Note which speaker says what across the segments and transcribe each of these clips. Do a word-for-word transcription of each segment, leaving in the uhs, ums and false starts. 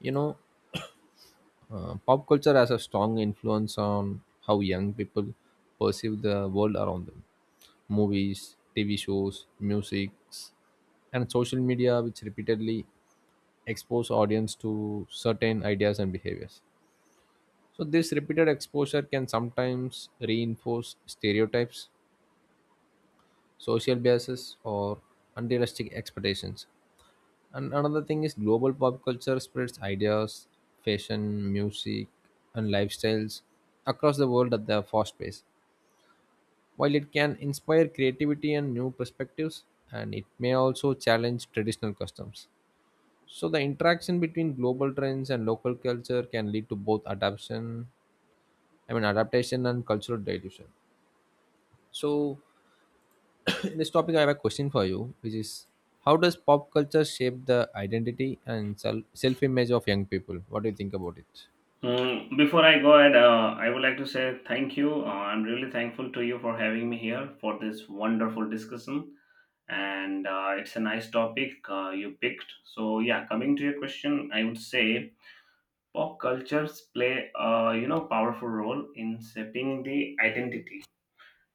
Speaker 1: you know uh, Pop culture has a strong influence on how young people perceive the world around them. Movies, TV shows, music, and social media, which repeatedly expose audience to certain ideas and behaviors. So this repeated exposure can sometimes reinforce stereotypes, social biases, or unrealistic expectations. And another thing is global pop culture spreads ideas, fashion, music, and lifestyles across the world at the fast pace. While it can inspire creativity and new perspectives, and it may also challenge traditional customs. So the interaction between global trends and local culture can lead to both adaptation, I mean adaptation and cultural dilution. So in this topic, I have a question for you, which is how does pop culture shape the identity and self image of young people? What do you think about it?
Speaker 2: Mm, before I go ahead, uh, I would like to say thank you. Uh, I'm really thankful to you for having me here for this wonderful discussion. And uh, it's a nice topic uh, you picked. So yeah, coming to your question, I would say pop cultures play a you know powerful role in shaping the identity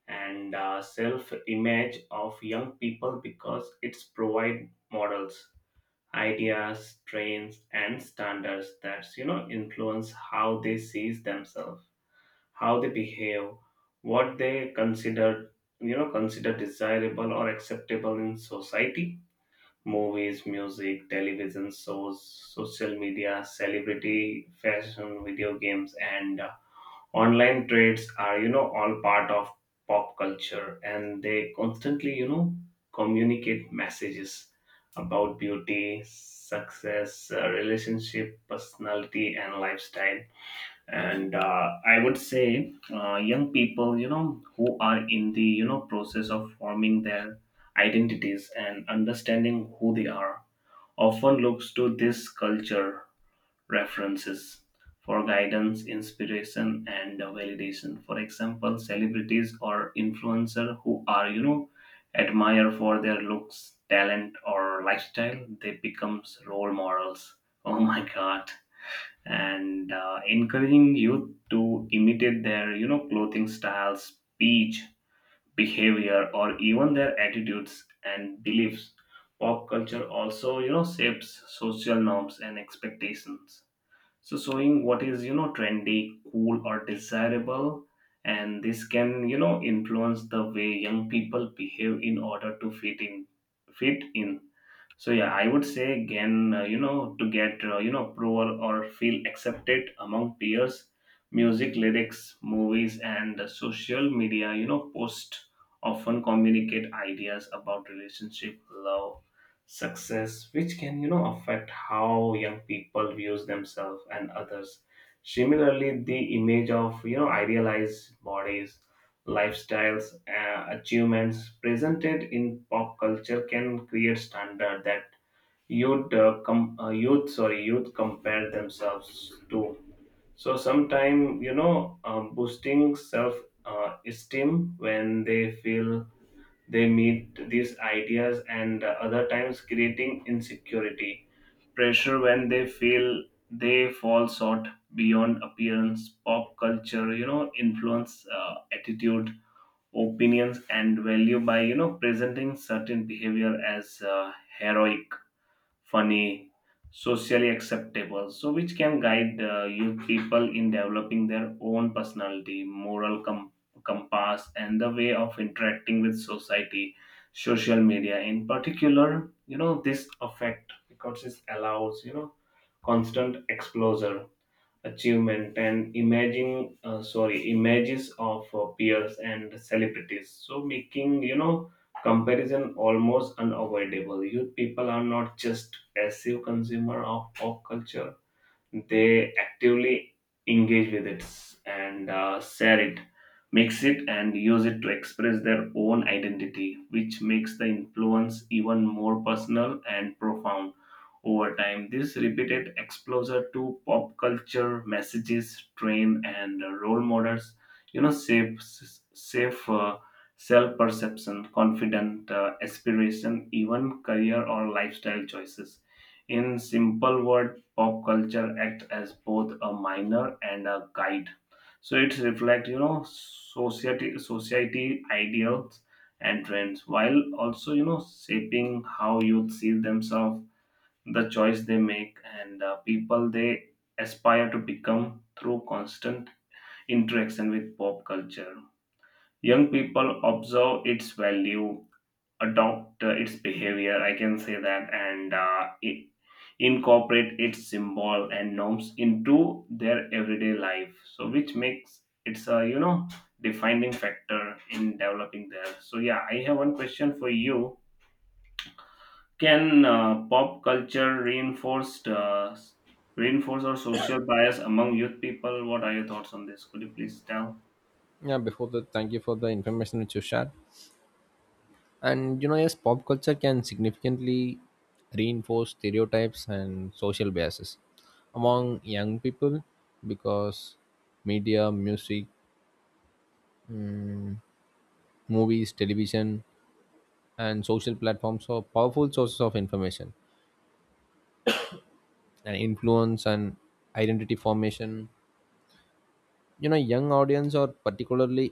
Speaker 2: and uh, self-image of young people because it's provide models, ideas, trends, and standards that you know influence how they see themselves, how they behave, what they consider, you know consider desirable or acceptable in society. Movies, music, television shows, social media, celebrity fashion, video games, and uh, online trades are, you know all part of pop culture, and they constantly you know communicate messages about beauty, success, uh, relationship, personality, and lifestyle. And uh, I would say uh, young people you know who are in the you know process of forming their identities and understanding who they are often looks to this culture references for guidance, inspiration, and validation. For example, celebrities or influencers who are, you know, admired for their looks, talent, or lifestyle, they becomes role models. Oh my God! And uh, encouraging youth to imitate their, you know, clothing styles, speech, behavior, or even their attitudes and beliefs. Pop culture also, you know, shapes social norms and expectations, so showing what is you know trendy, cool, or desirable, and this can you know influence the way young people behave in order to fit in fit in So yeah, I would say again, uh, you know, to get uh, you know approval or feel accepted among peers, music, lyrics, movies, and uh, social media, you know, post often communicate ideas about relationship, love, success, which can you know affect how young people views themselves and others. Similarly, the image of you know idealized bodies, lifestyles, uh, achievements presented in pop culture can create standard that youth, uh, com- uh, youth, sorry, youth compare themselves to. So sometimes you know, um, boosting self uh, esteem when they feel they meet these ideas, and uh, other times creating insecurity, pressure when they feel they fall short. Beyond appearance, pop culture, you know, influence uh, attitude, opinions, and value by you know presenting certain behavior as uh, heroic, funny, socially acceptable, so which can guide uh, youth people in developing their own personality, moral com- compass, and the way of interacting with society. Social media in particular, you know this effect, because it allows you know constant exposure, achievement, and imaging, uh, sorry images of uh, peers and celebrities, so making you know comparison almost unavoidable. Youth people are not just passive consumer of pop culture, they actively engage with it and uh, share it, mix it, and use it to express their own identity, which makes the influence even more personal and profound over time. This repeated exposure to pop culture messages, train, and uh, role models, you know, shapes safe uh, self perception, confident uh, aspiration, even career or lifestyle choices. In simple word, pop culture acts as both a minor and a guide. So it reflects, you know, society society ideals and trends, while also you know shaping how youth see themselves, the choice they make, and uh, people they aspire to become through constant interaction with pop culture. Young people observe its value, adopt uh, its behavior, I can say that, and uh, i- incorporate its symbol and norms into their everyday life. So, which makes it's a you know defining factor in developing there. So, yeah, I have one question for you. Can uh, pop culture reinforce uh, reinforce our social bias among youth people? What are your thoughts on this? Could you please tell?
Speaker 1: Yeah, before that, thank you for the information which you shared. And you know, yes, pop culture can significantly reinforce stereotypes and social biases among young people, because media, music, movies, television, and social platforms are powerful sources of information and influence and identity formation. You know, young audience are particularly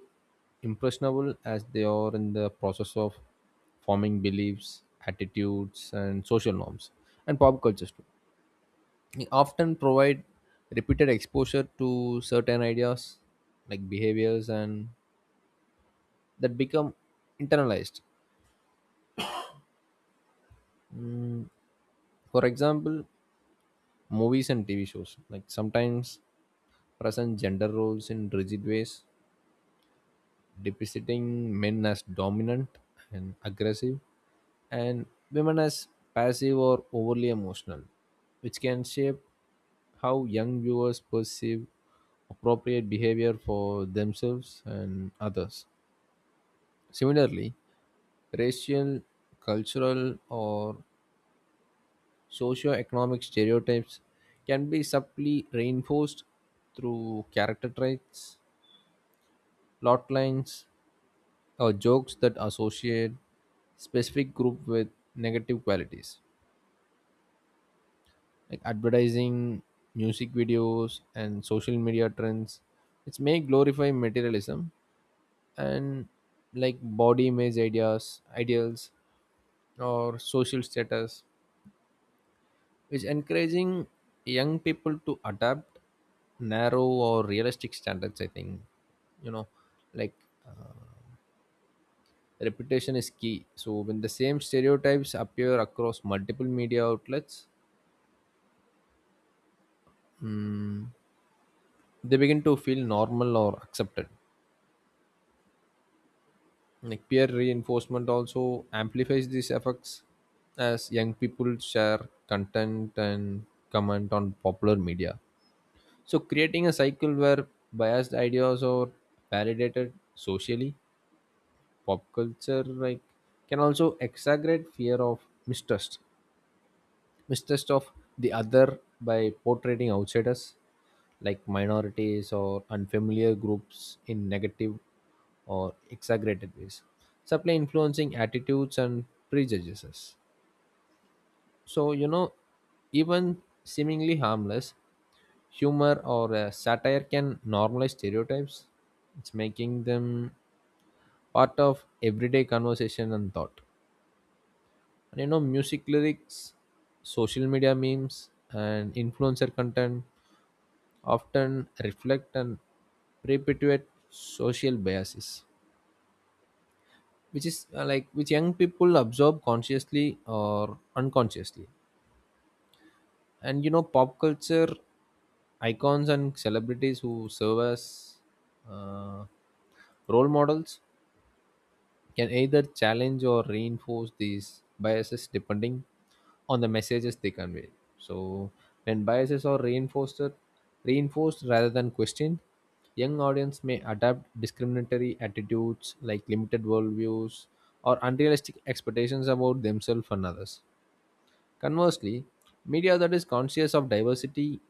Speaker 1: impressionable as they are in the process of forming beliefs, attitudes, and social norms, and pop cultures too. We often provide repeated exposure to certain ideas like behaviors, and that become internalized. For example, movies and TV shows like sometimes present gender roles in rigid ways, depicting men as dominant and aggressive, and women as passive or overly emotional, which can shape how young viewers perceive appropriate behavior for themselves and others. Similarly, racial, cultural, or socio-economic stereotypes can be subtly reinforced through character traits, plot lines, or jokes that associate specific group with negative qualities, like advertising, music videos, and social media trends, which may glorify materialism and like body image ideas ideals or social status, is encouraging young people to adapt narrow or realistic standards, I think. You know, like reputation is key. So when the same stereotypes appear across multiple media outlets, mm, they begin to feel normal or accepted. Like peer reinforcement also amplifies these effects, as young people share content and comment on popular media. So creating a cycle where biased ideas are validated socially, pop culture like can also exaggerate fear of mistrust. mistrust of the other, by portraying outsiders like minorities or unfamiliar groups in negative or exaggerated ways, subtly influencing attitudes and prejudices. So, you know, even seemingly harmless humor or uh, satire can normalize stereotypes, it's making them part of everyday conversation and thought. And you know, music lyrics, social media memes, and influencer content often reflect and perpetuate social biases, which is uh, like which young people absorb consciously or unconsciously. And you know, pop culture icons and celebrities who serve as uh, role models can either challenge or reinforce these biases depending on the messages they convey. So, when biases are reinforced, reinforced rather than questioned, young audience may adopt discriminatory attitudes like limited worldviews or unrealistic expectations about themselves and others. Conversely, media that is conscious of diversity,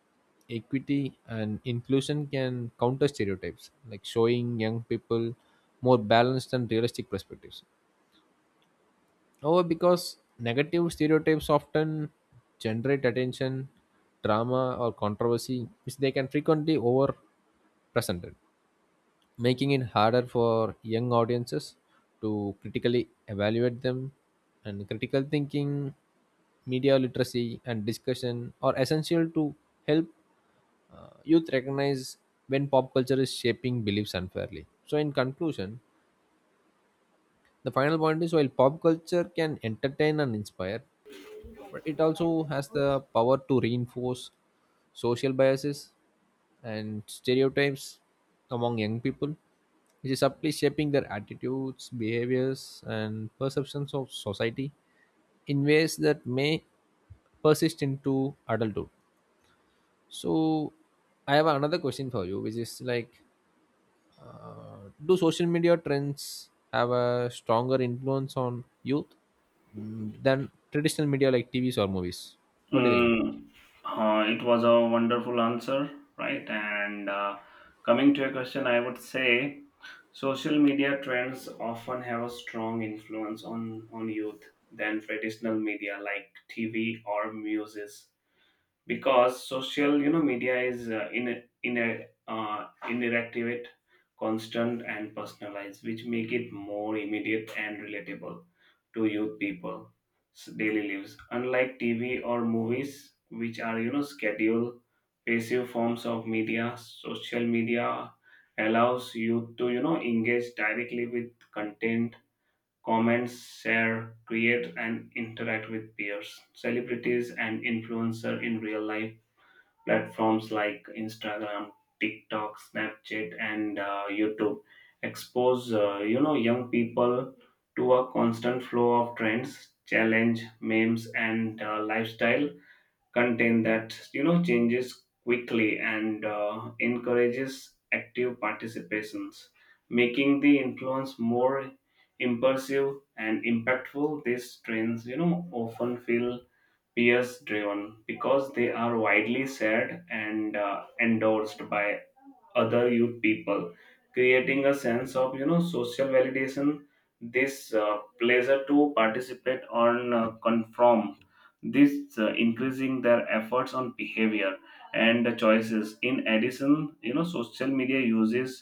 Speaker 1: equity, and inclusion can counter stereotypes, like showing young people more balanced and realistic perspectives. However, because negative stereotypes often generate attention, drama, or controversy, which they can frequently over presented, making it harder for young audiences to critically evaluate them. And critical thinking, media literacy, and discussion are essential to help uh, youth recognize when pop culture is shaping beliefs unfairly. So, in conclusion, the final point is while pop culture can entertain and inspire, but it also has the power to reinforce social biases and stereotypes among young people, which is subtly shaping their attitudes, behaviors, and perceptions of society in ways that may persist into adulthood. So, I have another question for you, which is like, do social media trends have a stronger influence on youth than traditional media like T Vs or movies? What do you think about it?
Speaker 2: Mm, uh, it was a wonderful answer, right? And uh, coming to your question, I would say social media trends often have a strong influence on on youth than traditional media like T V or music, because social you know media is uh, in a, in a uh, interactive, constant, and personalized, which make it more immediate and relatable to youth people's daily lives. Unlike tv or movies, which are you know scheduled, passive forms of media, social media allows you to you know engage directly with content, comments, share, create, and interact with peers, celebrities, and influencer in real life. Platforms like Instagram, TikTok, Snapchat, and uh, YouTube expose uh, you know young people to a constant flow of trends, challenge, memes, and uh, lifestyle content that you know changes quickly and uh, encourages active participations, making the influence more impulsive and impactful. These trends you know often feel peers driven, because they are widely shared and uh, endorsed by other youth people, creating a sense of you know social validation. This uh, pleasure to participate on uh, conform, this uh, increasing their efforts on behavior and choices. In addition, you know social media uses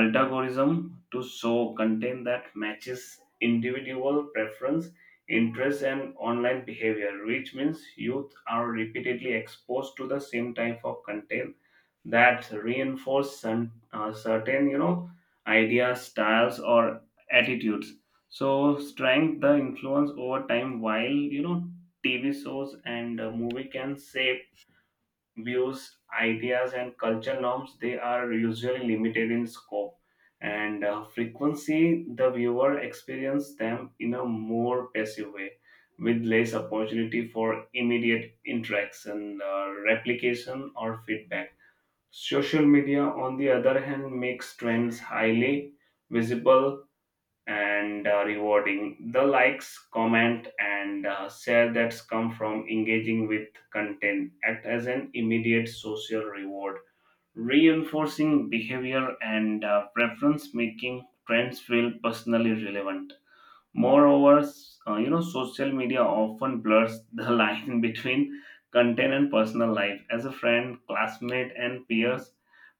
Speaker 2: algorithm to show content that matches individual preference, interests, and online behavior, which means youth are repeatedly exposed to the same type of content that reinforce some, uh, certain you know ideas, styles, or attitudes, so strength the influence over time. While you know tv shows and uh, movie can shape views, ideas, and culture norms, they are usually limited in scope and uh, frequency. The viewer experiences them in a more passive way, with less opportunity for immediate interaction, uh, replication, or feedback. Social media, on the other hand, makes trends highly visible and uh, rewarding. The likes, comment, and uh, share that's come from engaging with content act as an immediate social reward, reinforcing behavior and uh, preference, making trends feel personally relevant. Moreover, s- uh, you know, social media often blurs the line between content and personal life. As a friend, classmate, and peers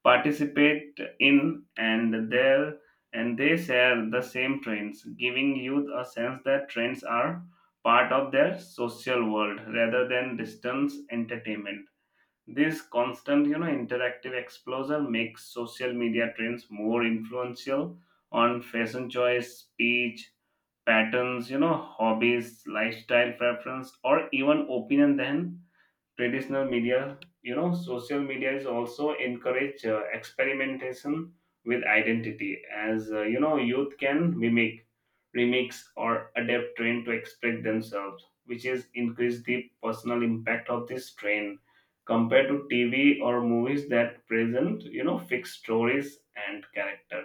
Speaker 2: participate in and there and they share the same trends, giving youth a sense that trends are part of their social world rather than distance entertainment. This constant, you know, interactive exposure makes social media trends more influential on fashion choice, speech, patterns, you know, hobbies, lifestyle preference, or even opinion then traditional media. You know social media is also encourage uh, experimentation with identity, as uh, you know youth can mimic, remix, or adapt trend to express themselves, which is increase the personal impact of this trend compared to tv or movies that present you know fixed stories and character.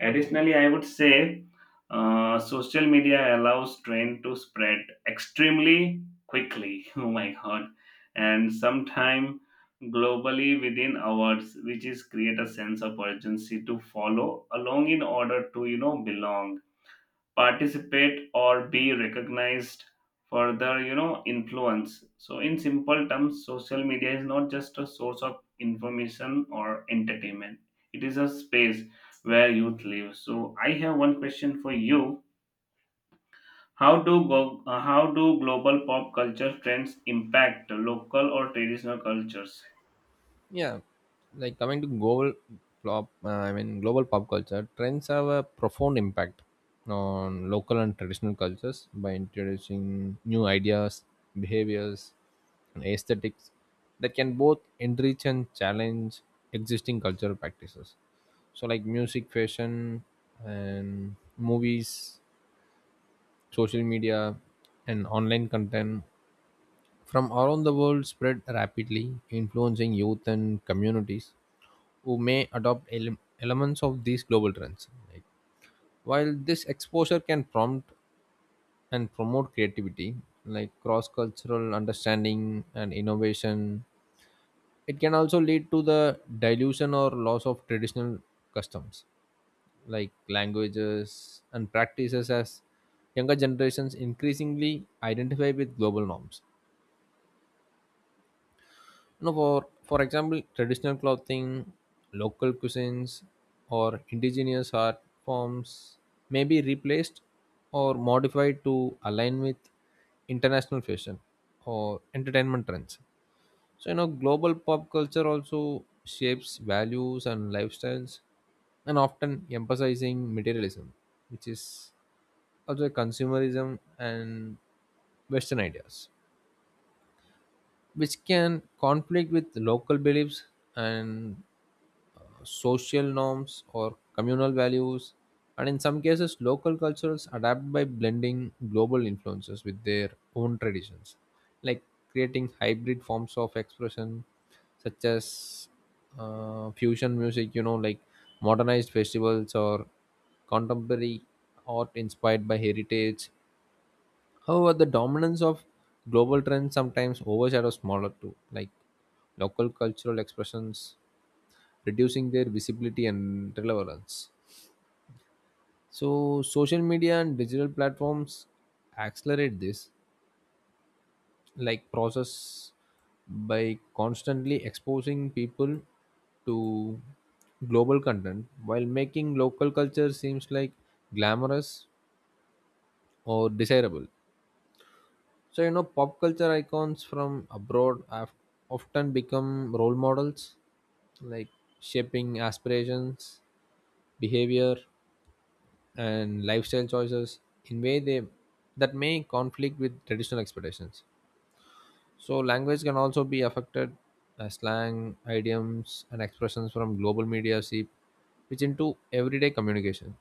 Speaker 2: Additionally, I would say uh, social media allows trend to spread extremely quickly oh my god, and sometime globally within hours, which is create a sense of urgency to follow along in order to you know belong, participate, or be recognized, further you know influence. So in simple terms, social media is not just a source of information or entertainment, it is a space where youth live. So I have one question for you. How do go, uh, how do global pop culture trends impact local or traditional cultures?
Speaker 1: Yeah, like coming to global pop uh, i mean global pop culture trends have a profound impact on local and traditional cultures by introducing new ideas, behaviors, and aesthetics that can both enrich and challenge existing cultural practices. So like music, fashion, and movies, social media, and online content from around the world spread rapidly, influencing youth and communities who may adopt ele- elements of these global trends. Like, while this exposure can prompt and promote creativity, like cross cultural understanding and innovation, it can also lead to the dilution or loss of traditional customs, like languages and practices, as younger generations increasingly identify with global norms. No, for for example, traditional clothing, local cuisines, or indigenous art forms may be replaced or modified to align with international fashion or entertainment trends. So you know, global pop culture also shapes values and lifestyles, and often emphasizing materialism, which is also consumerism and Western ideas, which can conflict with local beliefs and social norms or communal values. And in some cases local cultures adapt by blending global influences with their own traditions, like creating hybrid forms of expression such as uh, fusion music, you know, like modernized festivals or contemporary art inspired by heritage. However, the dominance of global trends sometimes overshadows smaller too, like local cultural expressions, reducing their visibility and relevance. So social media and digital platforms accelerate this like process by constantly exposing people to global content while making local culture seems like glamorous or desirable. So you know, pop culture icons from abroad have often become role models, like shaping aspirations, behavior, and lifestyle choices in way they that may conflict with traditional expectations. So language can also be affected as slang, idioms, and expressions from global media seep which into everyday communication,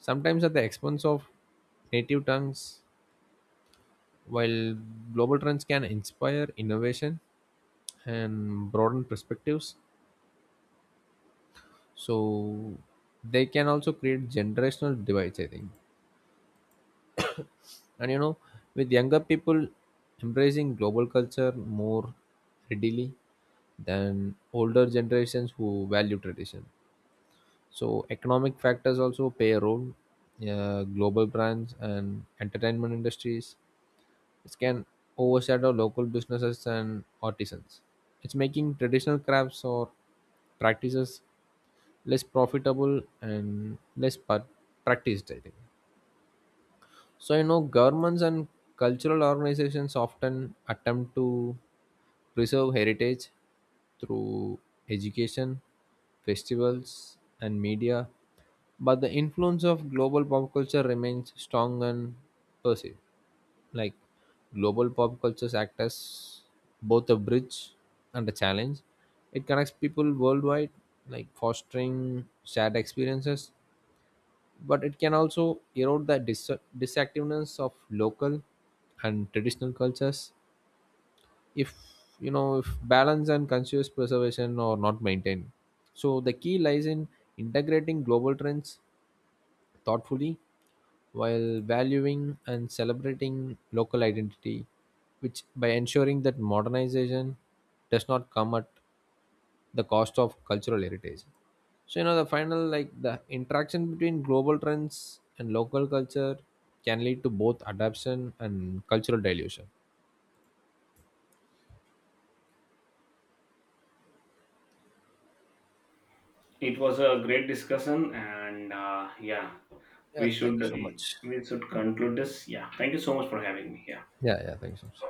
Speaker 1: sometimes at the expense of native tongues. While global trends can inspire innovation and broaden perspectives, so they can also create generational divides, I think. And you know, with younger people embracing global culture more readily than older generations who value tradition. So, economic factors also play a role. Yeah, global brands and entertainment industries, it can overshadow local businesses and artisans. It's making traditional crafts or practices less profitable and less pa- practiced, I think. So, you know, governments and cultural organizations often attempt to preserve heritage through education, festivals, and media, but the influence of global pop culture remains strong and perceived. Like global pop cultures act as both a bridge and a challenge. It connects people worldwide, like fostering shared experiences, but it can also erode the dis- disactiveness of local and traditional cultures, if you know if balance and conscious preservation are not maintained. So the key lies in integrating global trends thoughtfully while valuing and celebrating local identity, which by ensuring that modernization does not come at the cost of cultural heritage. So you know the final like the interaction between global trends and local culture can lead to both adaptation and cultural dilution.
Speaker 2: It was a great discussion, and uh, yeah,
Speaker 1: Yeah,
Speaker 2: we
Speaker 1: thank
Speaker 2: should
Speaker 1: you so much.
Speaker 2: we should conclude this. Yeah, thank you so much for having me here.
Speaker 1: Yeah, yeah, thank you so much.